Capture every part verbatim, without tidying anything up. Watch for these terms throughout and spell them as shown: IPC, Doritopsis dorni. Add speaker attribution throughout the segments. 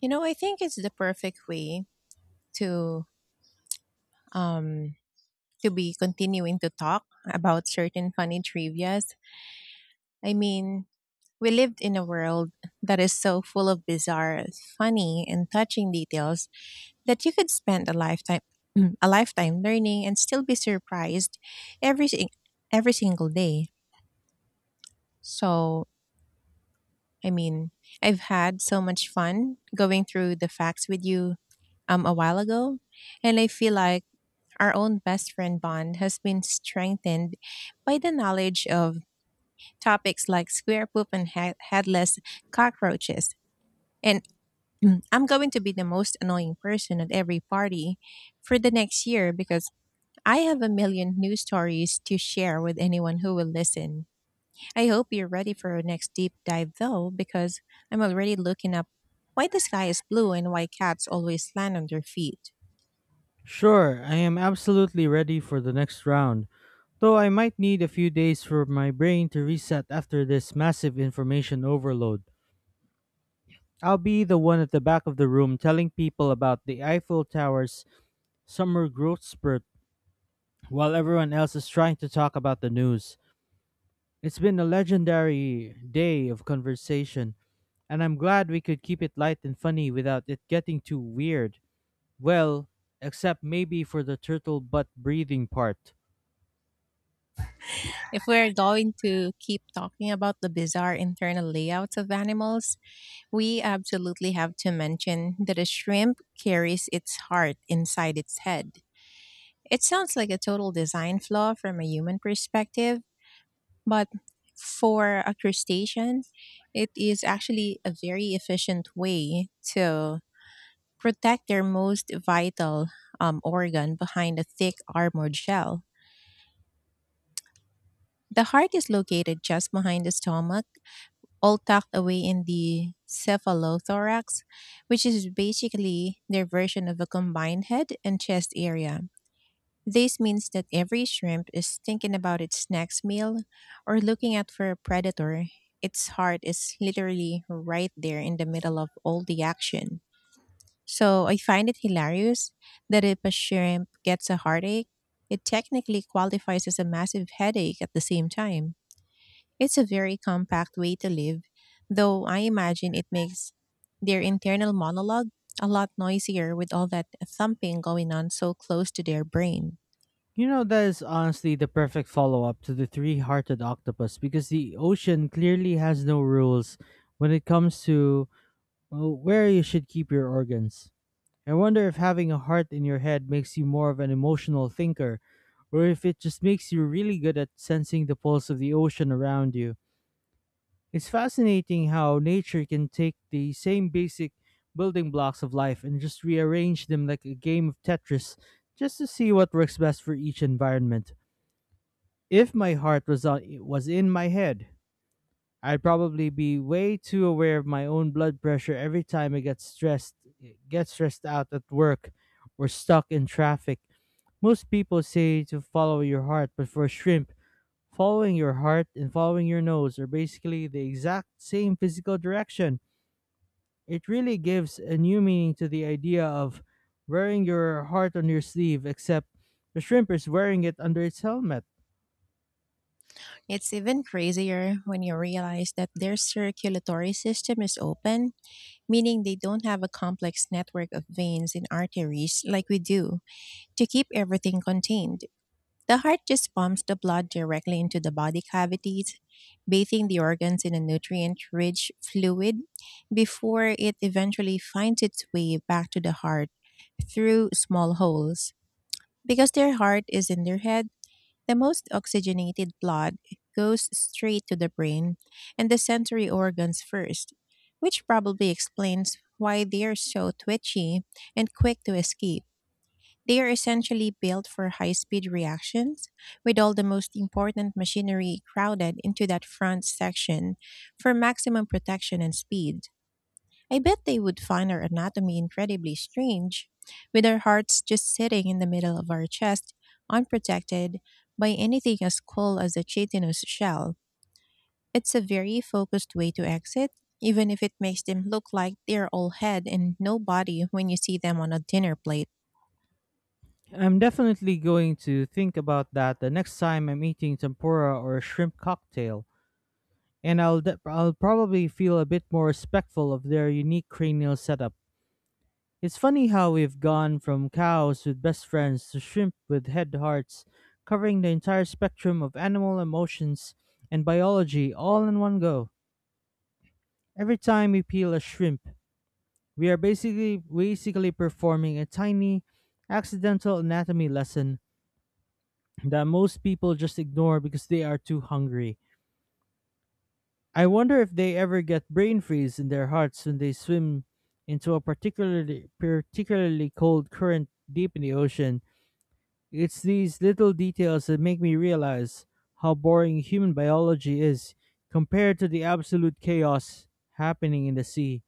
Speaker 1: You know, I think it's the perfect way to um to be continuing to talk about certain funny trivias. I mean, we lived in a world that is so full of bizarre, funny, and touching details that you could spend a lifetime a lifetime learning and still be surprised every sing- every single day. So, I mean, I've had so much fun going through the facts with you um a while ago, and I feel like our own best friend bond has been strengthened by the knowledge of topics like square poop and head- headless cockroaches. And I'm going to be the most annoying person at every party for the next year because I have a million new stories to share with anyone who will listen. I hope you're ready for our next deep dive though, because I'm already looking up why the sky is blue and why cats always land on their feet.
Speaker 2: Sure, I am absolutely ready for the next round, though I might need a few days for my brain to reset after this massive information overload. I'll be the one at the back of the room telling people about the Eiffel Tower's summer growth spurt while everyone else is trying to talk about the news. It's been a legendary day of conversation, and I'm glad we could keep it light and funny without it getting too weird. Well, except maybe for the turtle butt breathing part.
Speaker 1: If we're going to keep talking about the bizarre internal layouts of animals, we absolutely have to mention that a shrimp carries its heart inside its head. It sounds like a total design flaw from a human perspective, but for a crustacean, it is actually a very efficient way to protect their most vital um, organ behind a thick armored shell. The heart is located just behind the stomach, all tucked away in the cephalothorax, which is basically their version of a combined head and chest area. This means that every shrimp is thinking about its next meal or looking out for a predator. Its heart is literally right there in the middle of all the action. So I find it hilarious that if a shrimp gets a heartache, it technically qualifies as a massive headache at the same time. It's a very compact way to live, though I imagine it makes their internal monologue a lot noisier with all that thumping going on so close to their brain.
Speaker 2: You know, that is honestly the perfect follow up to the three hearted octopus, because the ocean clearly has no rules when it comes to uh, where you should keep your organs. I wonder if having a heart in your head makes you more of an emotional thinker, or if it just makes you really good at sensing the pulse of the ocean around you. It's fascinating how nature can take the same basic building blocks of life and just rearrange them like a game of Tetris, just to see what works best for each environment. If my heart was on, was in my head, I'd probably be way too aware of my own blood pressure every time I get stressed get stressed out at work or stuck in traffic. Most people say to follow your heart, but for a shrimp, following your heart and following your nose are basically the exact same physical direction. It really gives a new meaning to the idea of wearing your heart on your sleeve, except the shrimp is wearing it under its helmet.
Speaker 1: It's even crazier when you realize that their circulatory system is open, meaning they don't have a complex network of veins and arteries like we do to keep everything contained. The heart just pumps the blood directly into the body cavities, bathing the organs in a nutrient rich fluid before it eventually finds its way back to the heart through small holes. Because their heart is in their head, the most oxygenated blood goes straight to the brain and the sensory organs first, which probably explains why they are so twitchy and quick to escape. They are essentially built for high speed reactions, with all the most important machinery crowded into that front section for maximum protection and speed. I bet they would find our anatomy incredibly strange, with our hearts just sitting in the middle of our chest, unprotected by anything as cool as a chitinous shell. It's a very focused way to exit, even if it makes them look like they're all head and no body when you see them on a dinner plate.
Speaker 2: I'm definitely going to think about that the next time I'm eating tempura or shrimp cocktail, and I'll de- I'll probably feel a bit more respectful of their unique cranial setup. It's funny how we've gone from cows with best friends to shrimp with head hearts, covering the entire spectrum of animal emotions and biology all in one go. Every time we peel a shrimp, we are basically basically performing a tiny, accidental anatomy lesson that most people just ignore because they are too hungry. I wonder if they ever get brain freeze in their hearts when they swim into a particularly particularly cold current deep in the ocean. It's these little details that make me realize how boring human biology is compared to the absolute chaos happening in the sea.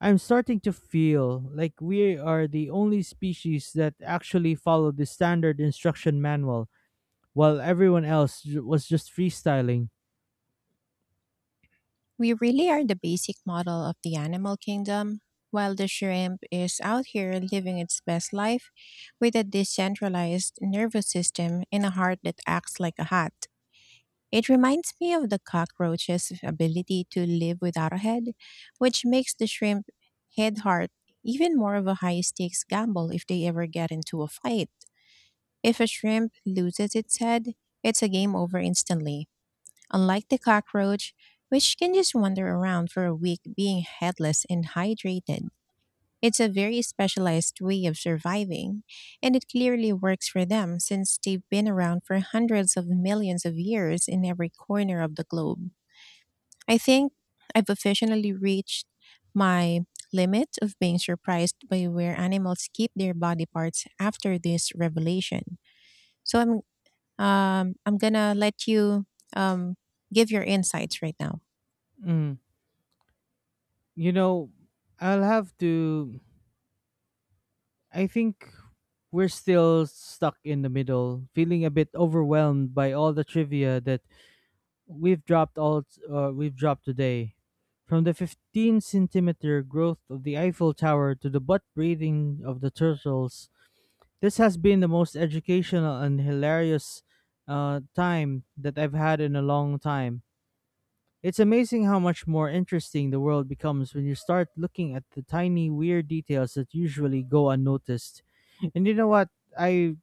Speaker 2: I'm starting to feel like we are the only species that actually follow the standard instruction manual, while everyone else ju- was just freestyling.
Speaker 1: We really are the basic model of the animal kingdom, while the shrimp is out here living its best life with a decentralized nervous system and a heart that acts like a hat. It reminds me of the cockroach's ability to live without a head, which makes the shrimp head heart even more of a high stakes gamble if they ever get into a fight. If a shrimp loses its head, it's a game over instantly. Unlike the cockroach, which can just wander around for a week being headless and hydrated, it's a very specialized way of surviving, and it clearly works for them since they've been around for hundreds of millions of years in every corner of the globe. I think I've officially reached my limit of being surprised by where animals keep their body parts after this revelation. So I'm um, I'm gonna let you um, give your insights right now.
Speaker 2: Mm. You know, I'll have to. I think we're still stuck in the middle, feeling a bit overwhelmed by all the trivia that we've dropped all uh, we've dropped today. From the fifteen centimeter growth of the Eiffel Tower to the butt breathing of the turtles, this has been the most educational and hilarious uh, time that I've had in a long time. It's amazing how much more interesting the world becomes when you start looking at the tiny, weird details that usually go unnoticed. And you know what? I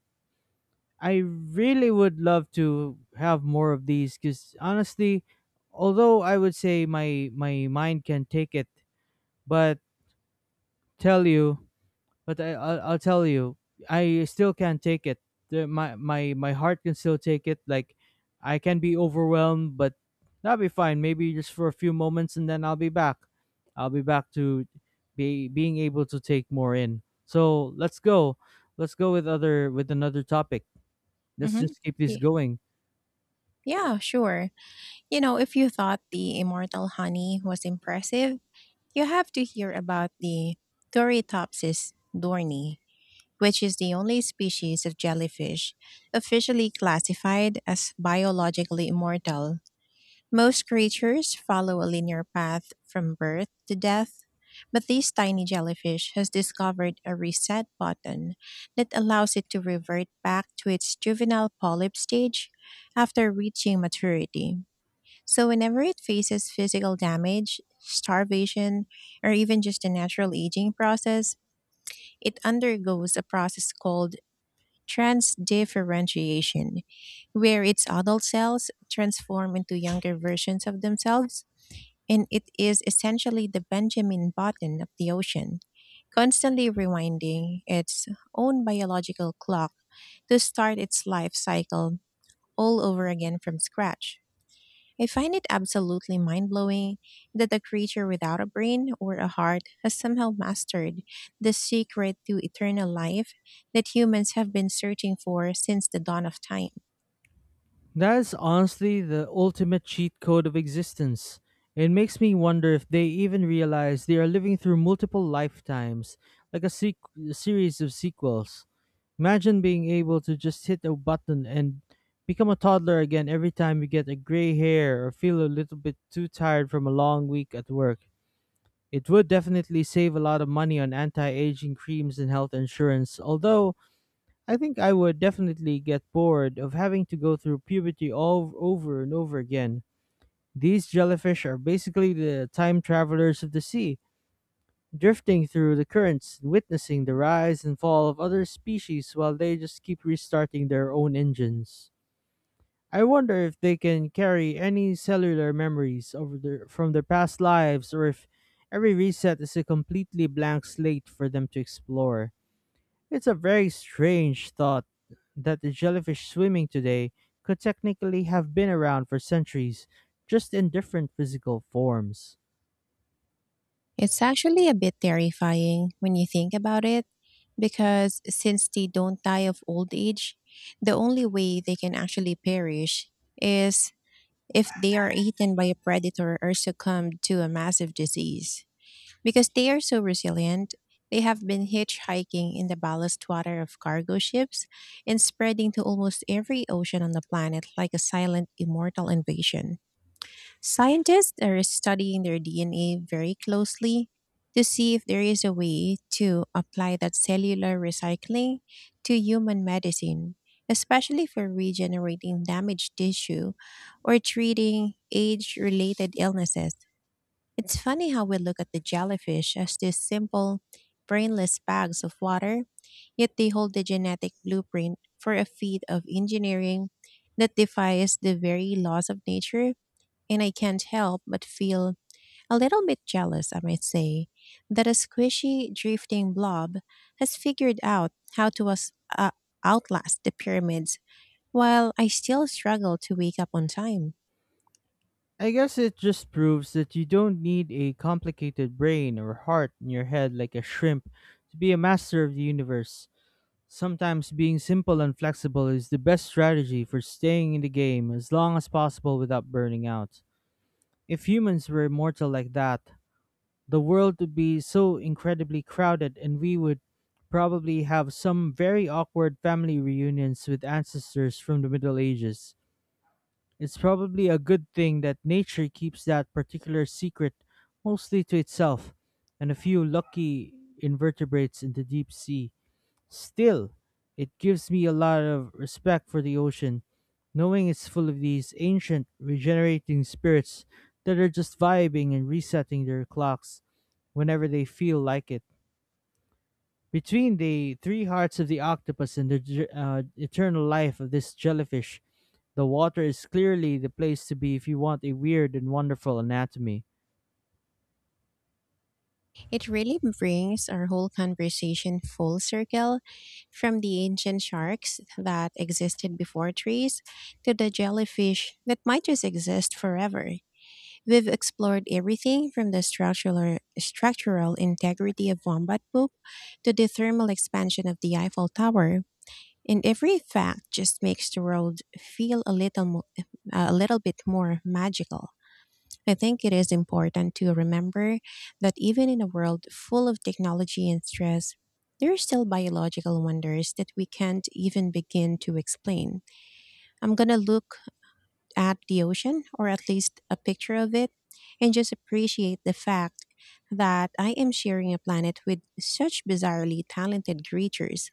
Speaker 2: I really would love to have more of these, cuz honestly, although I would say my my mind can take it, but tell you but I, I'll, I'll tell you, I still can't take it. The, my my my heart can still take it. Like, I can be overwhelmed, but that'll be fine. Maybe just for a few moments, and then I'll be back. I'll be back to be being able to take more in. So let's go. Let's go with other with another topic. Let's
Speaker 1: Mm-hmm.
Speaker 2: just keep this
Speaker 1: Yeah,
Speaker 2: going.
Speaker 1: yeah, sure. You know, if you thought the immortal honey was impressive, you have to hear about the Doritopsis dorni, which is the only species of jellyfish officially classified as biologically immortal. Most creatures follow a linear path from birth to death, but this tiny jellyfish has discovered a reset button that allows it to revert back to its juvenile polyp stage after reaching maturity. So, whenever it faces physical damage, starvation, or even just a natural aging process, it undergoes a process called transdifferentiation, where its adult cells transform into younger versions of themselves, and it is essentially the Benjamin Button of the ocean, constantly rewinding its own biological clock to start its life cycle all over again from scratch. I find it absolutely mind blowing that a creature without a brain or a heart has somehow mastered the secret to eternal life that humans have been searching for since the dawn of time.
Speaker 2: That is honestly the ultimate cheat code of existence. It makes me wonder if they even realize they are living through multiple lifetimes, like a, sequ- a series of sequels. Imagine being able to just hit a button and become a toddler again every time you get a gray hair or feel a little bit too tired from a long week at work. It would definitely save a lot of money on anti aging creams and health insurance, although I think I would definitely get bored of having to go through puberty all over and over again. These jellyfish are basically the time travelers of the sea, drifting through the currents, witnessing the rise and fall of other species while they just keep restarting their own engines. I wonder if they can carry any cellular memories over their, from their past lives, or if every reset is a completely blank slate for them to explore. It's a very strange thought that the jellyfish swimming today could technically have been around for centuries, just in different physical forms.
Speaker 1: It's actually a bit terrifying when you think about it, because since they don't die of old age, the only way they can actually perish is if they are eaten by a predator or succumb to a massive disease. Because they are so resilient, they have been hitchhiking in the ballast water of cargo ships and spreading to almost every ocean on the planet like a silent immortal invasion. Scientists are studying their D N A very closely to see if there is a way to apply that cellular recycling to human medicine, especially for regenerating damaged tissue or treating age related illnesses. It's funny how we look at the jellyfish as these simple, brainless bags of water, yet they hold the genetic blueprint for a feat of engineering that defies the very laws of nature, and I can't help but feel a little bit jealous, I might say, that a squishy, drifting blob has figured out how to us- uh, outlast the pyramids while I still struggle to wake up on time.
Speaker 2: I guess it just proves that you don't need a complicated brain or heart in your head like a shrimp to be a master of the universe. Sometimes being simple and flexible is the best strategy for staying in the game as long as possible without burning out. If humans were immortal like that, the world would be so incredibly crowded, and we would probably have some very awkward family reunions with ancestors from the Middle Ages. It's probably a good thing that nature keeps that particular secret mostly to itself and a few lucky invertebrates in the deep sea. Still, it gives me a lot of respect for the ocean, knowing it's full of these ancient, regenerating spirits that are just vibing and resetting their clocks whenever they feel like it. Between the three hearts of the octopus and the ge- uh, eternal life of this jellyfish, the water is clearly the place to be if you want a weird and wonderful anatomy.
Speaker 1: It really brings our whole conversation full circle, from the ancient sharks that existed before trees to the jellyfish that might just exist forever. We've explored everything from the structural, structural integrity of wombat poop to the thermal expansion of the Eiffel Tower, and every fact just makes the world feel a little mo- a little bit more magical. I think it is important to remember that even in a world full of technology and stress, there are still biological wonders that we can't even begin to explain. I'm gonna look at the ocean, or at least a picture of it, and just appreciate the fact that I am sharing a planet with such bizarrely talented creatures.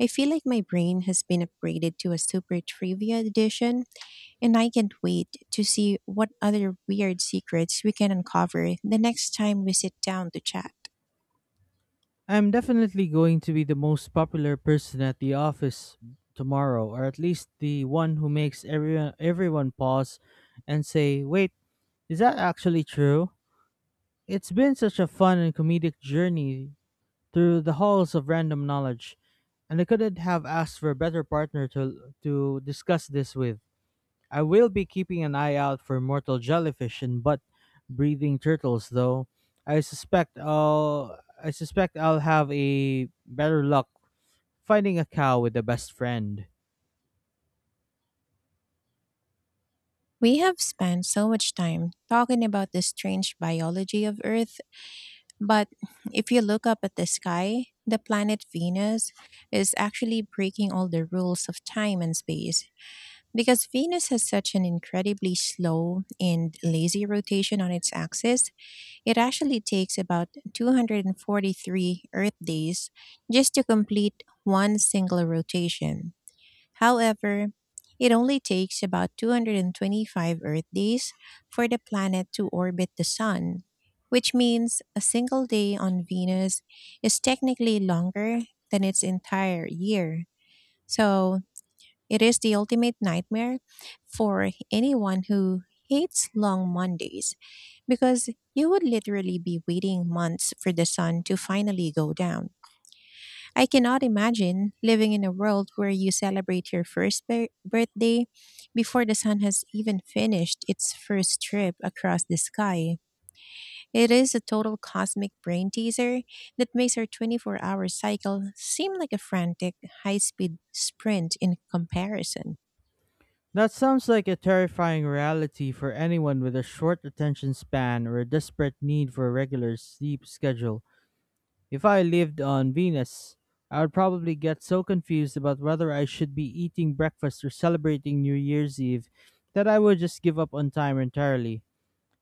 Speaker 1: I feel like my brain has been upgraded to a super trivia edition, and I can't wait to see what other weird secrets we can uncover the next time we sit down to chat.
Speaker 2: I'm definitely going to be the most popular person at the office tomorrow, or at least the one who makes everyone everyone pause and say, "Wait, is that actually true?" It's been such a fun and comedic journey through the halls of random knowledge, and I couldn't have asked for a better partner to to discuss this with. I will be keeping an eye out for mortal jellyfish and butt breathing turtles, though. I suspect I'll I suspect I'll have a better luck finding a cow with a best friend.
Speaker 1: We have spent so much time talking about the strange biology of Earth. But if you look up at the sky, the planet Venus is actually breaking all the rules of time and space, because Venus has such an incredibly slow and lazy rotation on its axis. It actually takes about two hundred forty-three Earth days just to complete one single rotation. However, it only takes about two hundred twenty-five Earth days for the planet to orbit the Sun, which means a single day on Venus is technically longer than its entire year. So it is the ultimate nightmare for anyone who hates long Mondays, because you would literally be waiting months for the sun to finally go down. I cannot imagine living in a world where you celebrate your first bir- birthday before the sun has even finished its first trip across the sky. It is a total cosmic brain teaser that makes our twenty-four hour cycle seem like a frantic, high speed sprint in comparison.
Speaker 2: That sounds like a terrifying reality for anyone with a short attention span or a desperate need for a regular sleep schedule. If I lived on Venus, I would probably get so confused about whether I should be eating breakfast or celebrating New Year's Eve that I would just give up on time entirely.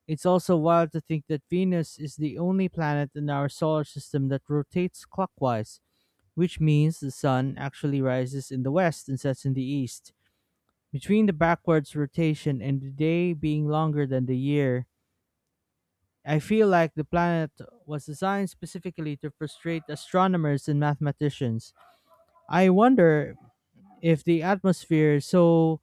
Speaker 2: It's also wild to think that Venus is the only planet in our solar system that rotates clockwise, which means the sun actually rises in the west and sets in the east. Between the backwards rotation and the day being longer than the year, I feel like the planet was designed specifically to frustrate astronomers and mathematicians. I wonder if the atmosphere is so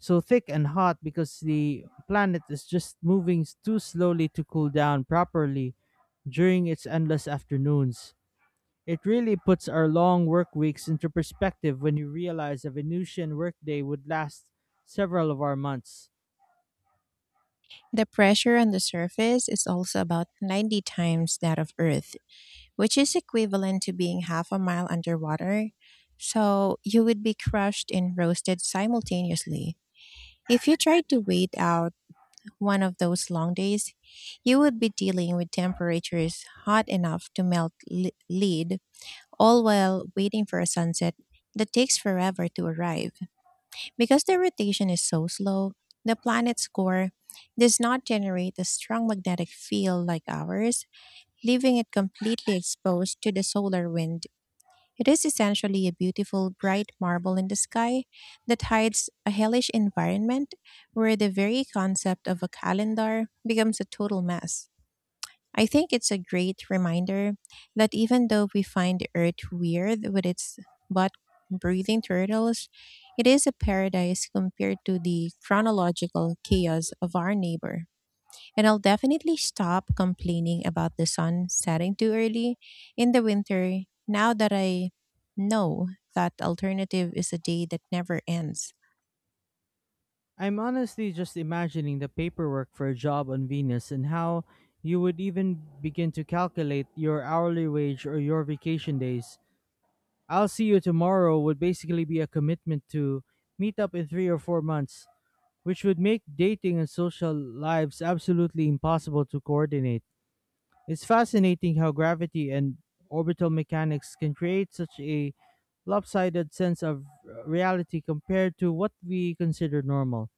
Speaker 2: so thick and hot because the planet is just moving s- too slowly to cool down properly during its endless afternoons. It really puts our long work weeks into perspective when you realize a Venusian workday would last several of our months.
Speaker 1: The pressure on the surface is also about ninety times that of Earth, which is equivalent to being half a mile underwater. So you would be crushed and roasted simultaneously. If you tried to wait out one of those long days, you would be dealing with temperatures hot enough to melt li- lead, all while waiting for a sunset that takes forever to arrive. Because the rotation is so slow, the planet's core does not generate a strong magnetic field like ours, leaving it completely exposed to the solar wind. It is essentially a beautiful bright marble in the sky that hides a hellish environment where the very concept of a calendar becomes a total mess. I think it's a great reminder that even though we find the Earth weird with its butt breathing turtles, it is a paradise compared to the chronological chaos of our neighbor. And I'll definitely stop complaining about the sun setting too early in the winter now that I know that alternative is a day that never ends.
Speaker 2: I'm honestly just imagining the paperwork for a job on Venus and how you would even begin to calculate your hourly wage or your vacation days. "I'll see you tomorrow" would basically be a commitment to meet up in three or four months, which would make dating and social lives absolutely impossible to coordinate. It's fascinating how gravity and orbital mechanics can create such a lopsided sense of reality compared to what we consider normal.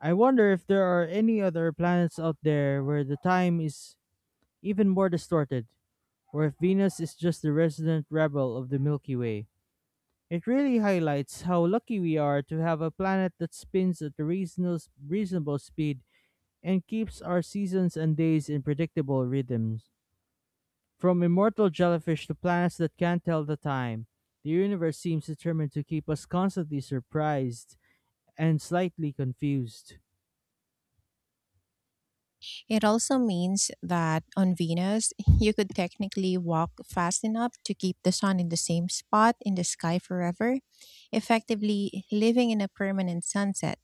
Speaker 2: I wonder if there are any other planets out there where the time is even more distorted, or if Venus is just the resident rebel of the Milky Way. It really highlights how lucky we are to have a planet that spins at a reasonable, reasonable speed and keeps our seasons and days in predictable rhythms. From immortal jellyfish to planets that can't tell the time, the universe seems determined to keep us constantly surprised and slightly confused.
Speaker 1: It also means that on Venus, you could technically walk fast enough to keep the sun in the same spot in the sky forever, effectively living in a permanent sunset.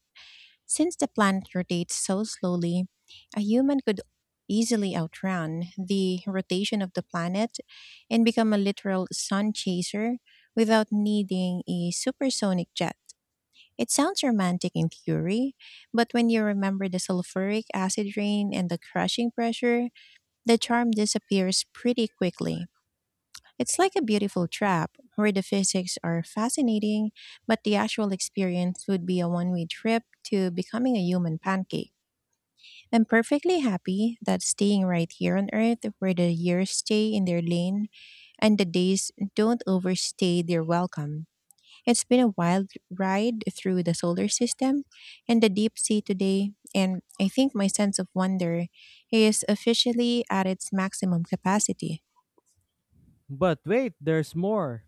Speaker 1: Since the planet rotates so slowly, a human could easily outrun the rotation of the planet and become a literal sun chaser without needing a supersonic jet. It sounds romantic in theory, but when you remember the sulfuric acid rain and the crushing pressure, the charm disappears pretty quickly. It's like a beautiful trap where the physics are fascinating, but the actual experience would be a one way trip to becoming a human pancake. I'm perfectly happy that staying right here on Earth, where the years stay in their lane and the days don't overstay their welcome. It's been a wild ride through the solar system and the deep sea today, and I think my sense of wonder is officially at its maximum capacity.
Speaker 2: But wait, there's more.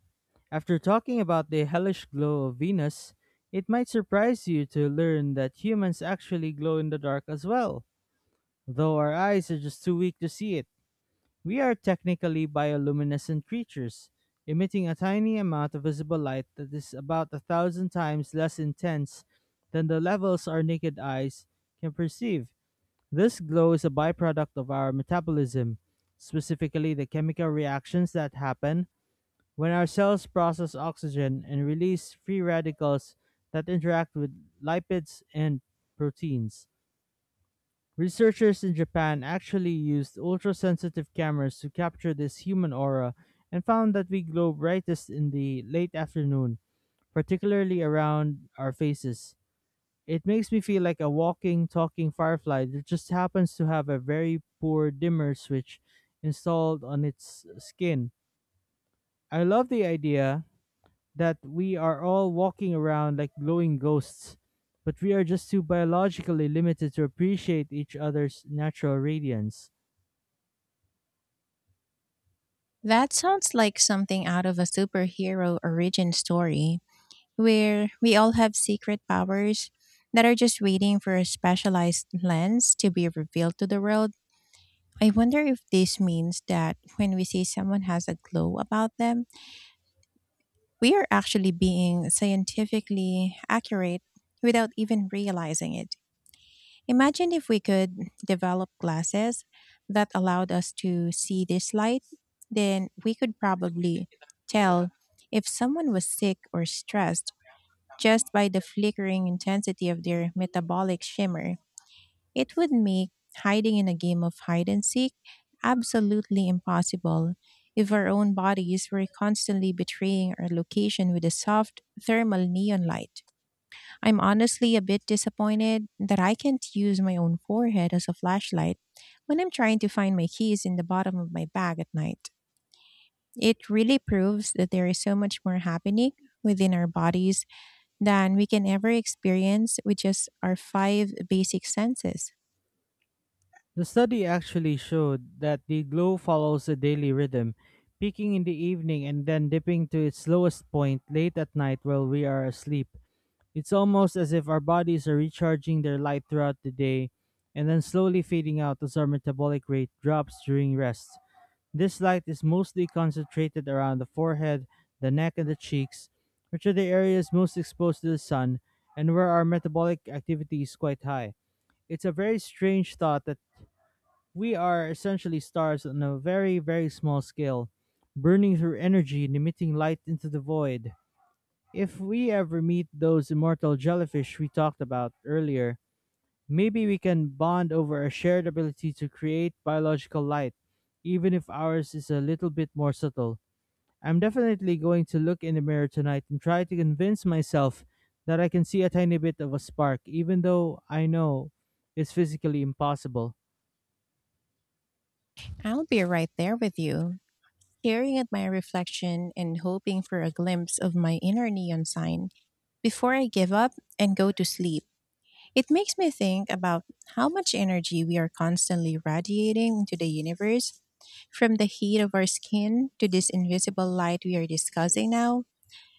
Speaker 2: After talking about the hellish glow of Venus, it might surprise you to learn that humans actually glow in the dark as well. Though our eyes are just too weak to see it, we are technically bioluminescent creatures, emitting a tiny amount of visible light that is about a thousand times less intense than the levels our naked eyes can perceive. This glow is a byproduct of our metabolism, specifically the chemical reactions that happen when our cells process oxygen and release free radicals that interact with lipids and proteins. Researchers in Japan actually used ultra sensitive cameras to capture this human aura, and found that we glow brightest in the late afternoon, particularly around our faces. It makes me feel like a walking, talking firefly that just happens to have a very poor dimmer switch installed on its skin. I love the idea that we are all walking around like glowing ghosts, but we are just too biologically limited to appreciate each other's natural radiance.
Speaker 1: That sounds like something out of a superhero origin story, where we all have secret powers that are just waiting for a specialized lens to be revealed to the world. I wonder if this means that when we see someone has a glow about them, we are actually being scientifically accurate without even realizing it. Imagine if we could develop glasses that allowed us to see this light, then we could probably tell if someone was sick or stressed just by the flickering intensity of their metabolic shimmer. It would make hiding in a game of hide and seek absolutely impossible if our own bodies were constantly betraying our location with a soft thermal neon light. I'm honestly a bit disappointed that I can't use my own forehead as a flashlight when I'm trying to find my keys in the bottom of my bag at night. It really proves that there is so much more happening within our bodies than we can ever experience with just our five basic senses.
Speaker 2: The study actually showed that the glow follows a daily rhythm, peaking in the evening and then dipping to its lowest point late at night while we are asleep. It's almost as if our bodies are recharging their light throughout the day and then slowly fading out as our metabolic rate drops during rest. This light is mostly concentrated around the forehead, the neck, and the cheeks, which are the areas most exposed to the sun and where our metabolic activity is quite high. It's a very strange thought that we are essentially stars on a very, very small scale, burning through energy and emitting light into the void. If we ever meet those immortal jellyfish we talked about earlier, maybe we can bond over a shared ability to create biological light, even if ours is a little bit more subtle. I'm definitely going to look in the mirror tonight and try to convince myself that I can see a tiny bit of a spark, even though I know it's physically impossible.
Speaker 1: I'll be right there with you, staring at my reflection and hoping for a glimpse of my inner neon sign before I give up and go to sleep. It makes me think about how much energy we are constantly radiating into the universe, from the heat of our skin to this invisible light we are discussing now.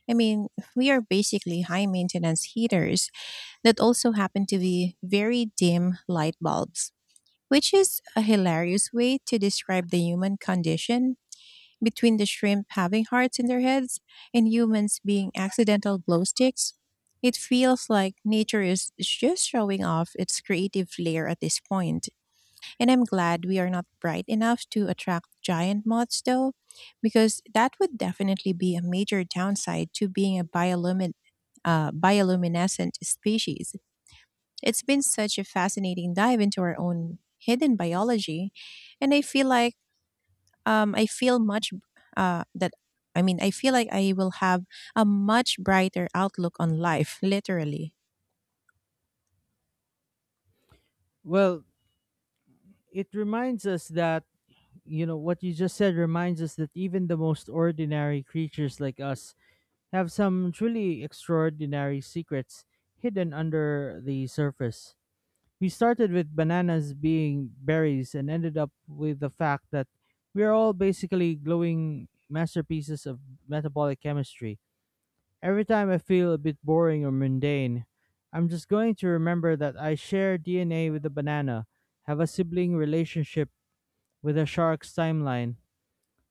Speaker 1: I mean, we are basically high maintenance heaters that also happen to be very dim light bulbs, which is a hilarious way to describe the human condition between the shrimp having hearts in their heads and humans being accidental glow sticks. It feels like nature is just showing off its creative flair at this point. And I'm glad we are not bright enough to attract giant moths, though, because that would definitely be a major downside to being a biolumin- uh, bioluminescent species. It's been such a fascinating dive into our own hidden biology, and I feel like um, I feel much uh, that I mean, I feel like I will have a much brighter outlook on life, literally.
Speaker 2: Well, it reminds us that you know what you just said reminds us that even the most ordinary creatures like us have some truly extraordinary secrets hidden under the surface. We started with bananas being berries and ended up with the fact that we are all basically glowing masterpieces of metabolic chemistry. Every time I feel a bit boring or mundane, I'm just going to remember that I share D N A with a banana, have a sibling relationship with a shark's timeline,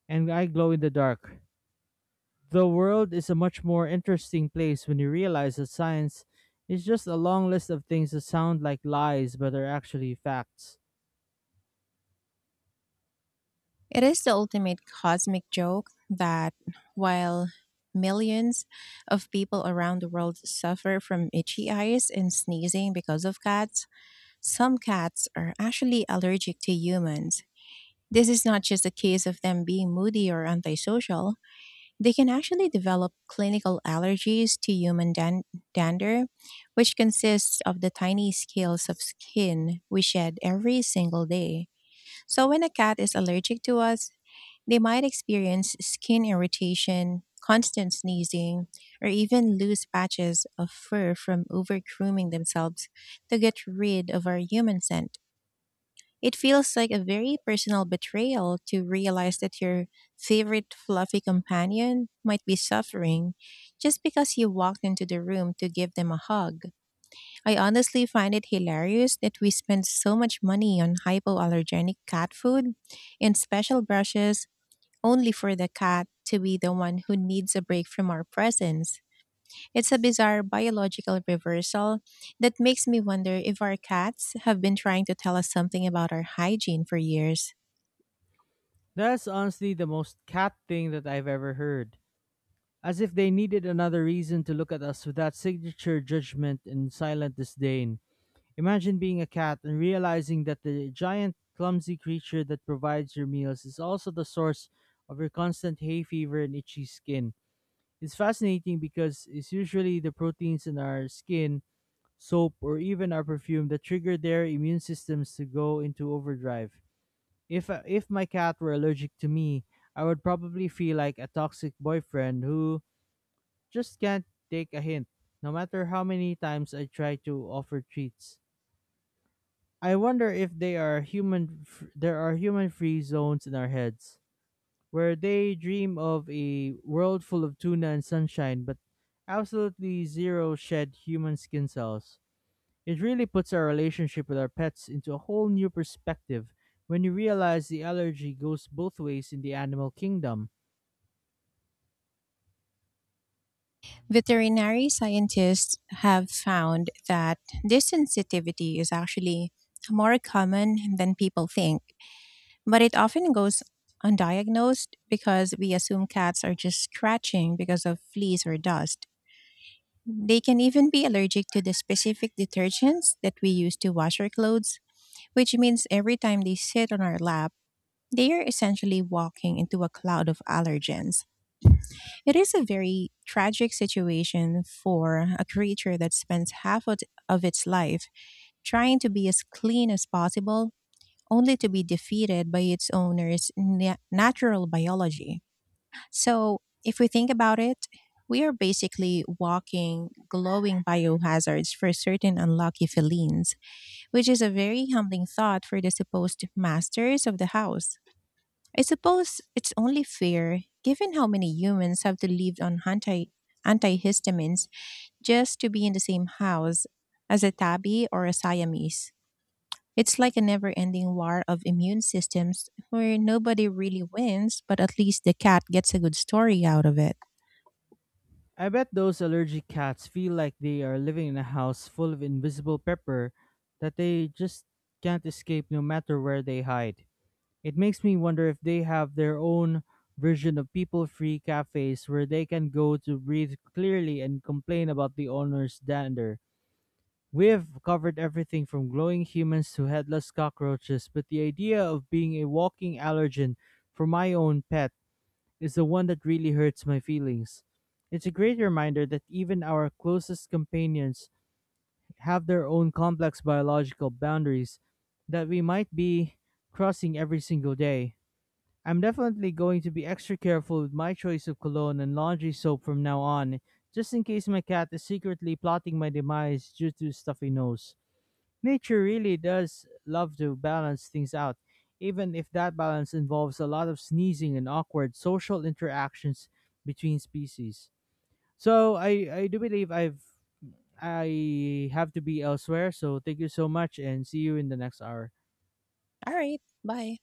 Speaker 2: and I glow in the dark. The world is a much more interesting place when you realize that science is just a long list of things that sound like lies but are actually facts.
Speaker 1: It is the ultimate cosmic joke that while millions of people around the world suffer from itchy eyes and sneezing because of cats, some cats are actually allergic to humans. This is not just a case of them being moody or antisocial. They can actually develop clinical allergies to human dan- dander, which consists of the tiny scales of skin we shed every single day. So, when a cat is allergic to us, they might experience skin irritation, constant sneezing, or even loose patches of fur from over grooming themselves to get rid of our human scent. It feels like a very personal betrayal to realize that your favorite fluffy companion might be suffering just because you walked into the room to give them a hug. I honestly find it hilarious that we spend so much money on hypoallergenic cat food and special brushes only for the cat to be the one who needs a break from our presence. It's a bizarre biological reversal that makes me wonder if our cats have been trying to tell us something about our hygiene for years.
Speaker 2: That's honestly the most cat thing that I've ever heard. As if they needed another reason to look at us with that signature judgment and silent disdain. Imagine being a cat and realizing that the giant, clumsy creature that provides your meals is also the source of your constant hay fever and itchy skin. It's fascinating because it's usually the proteins in our skin, soap, or even our perfume that trigger their immune systems to go into overdrive. If uh, if my cat were allergic to me, I would probably feel like a toxic boyfriend who just can't take a hint, no matter how many times I try to offer treats. I wonder if they are human. f- There are human-free zones in our heads where they dream of a world full of tuna and sunshine, but absolutely zero shed human skin cells. It really puts our relationship with our pets into a whole new perspective when you realize the allergy goes both ways in the animal kingdom.
Speaker 1: Veterinary scientists have found that this sensitivity is actually more common than people think, but it often goes undiagnosed because we assume cats are just scratching because of fleas or dust. They can even be allergic to the specific detergents that we use to wash our clothes, which means every time they sit on our lap, they are essentially walking into a cloud of allergens. It is a very tragic situation for a creature that spends half of of its life trying to be as clean as possible, only to be defeated by its owner's na- natural biology. So, if we think about it, we are basically walking glowing biohazards for certain unlucky felines, which is a very humbling thought for the supposed masters of the house. I suppose it's only fair, given how many humans have to live on anti antihistamines just to be in the same house as a tabby or a Siamese. It's like a never ending war of immune systems where nobody really wins, but at least the cat gets a good story out of it.
Speaker 2: I bet those allergic cats feel like they are living in a house full of invisible pepper that they just can't escape no matter where they hide. It makes me wonder if they have their own version of people free cafes where they can go to breathe clearly and complain about the owner's dander. We've covered everything from glowing humans to headless cockroaches, but the idea of being a walking allergen for my own pet is the one that really hurts my feelings. It's a great reminder that even our closest companions have their own complex biological boundaries that we might be crossing every single day. I'm definitely going to be extra careful with my choice of cologne and laundry soap from now on, just in case my cat is secretly plotting my demise due to stuffy nose. Nature really does love to balance things out, even if that balance involves a lot of sneezing and awkward social interactions between species. So I, I do believe I've I have to be elsewhere, so thank you so much and see you in the next hour.
Speaker 1: All right, bye.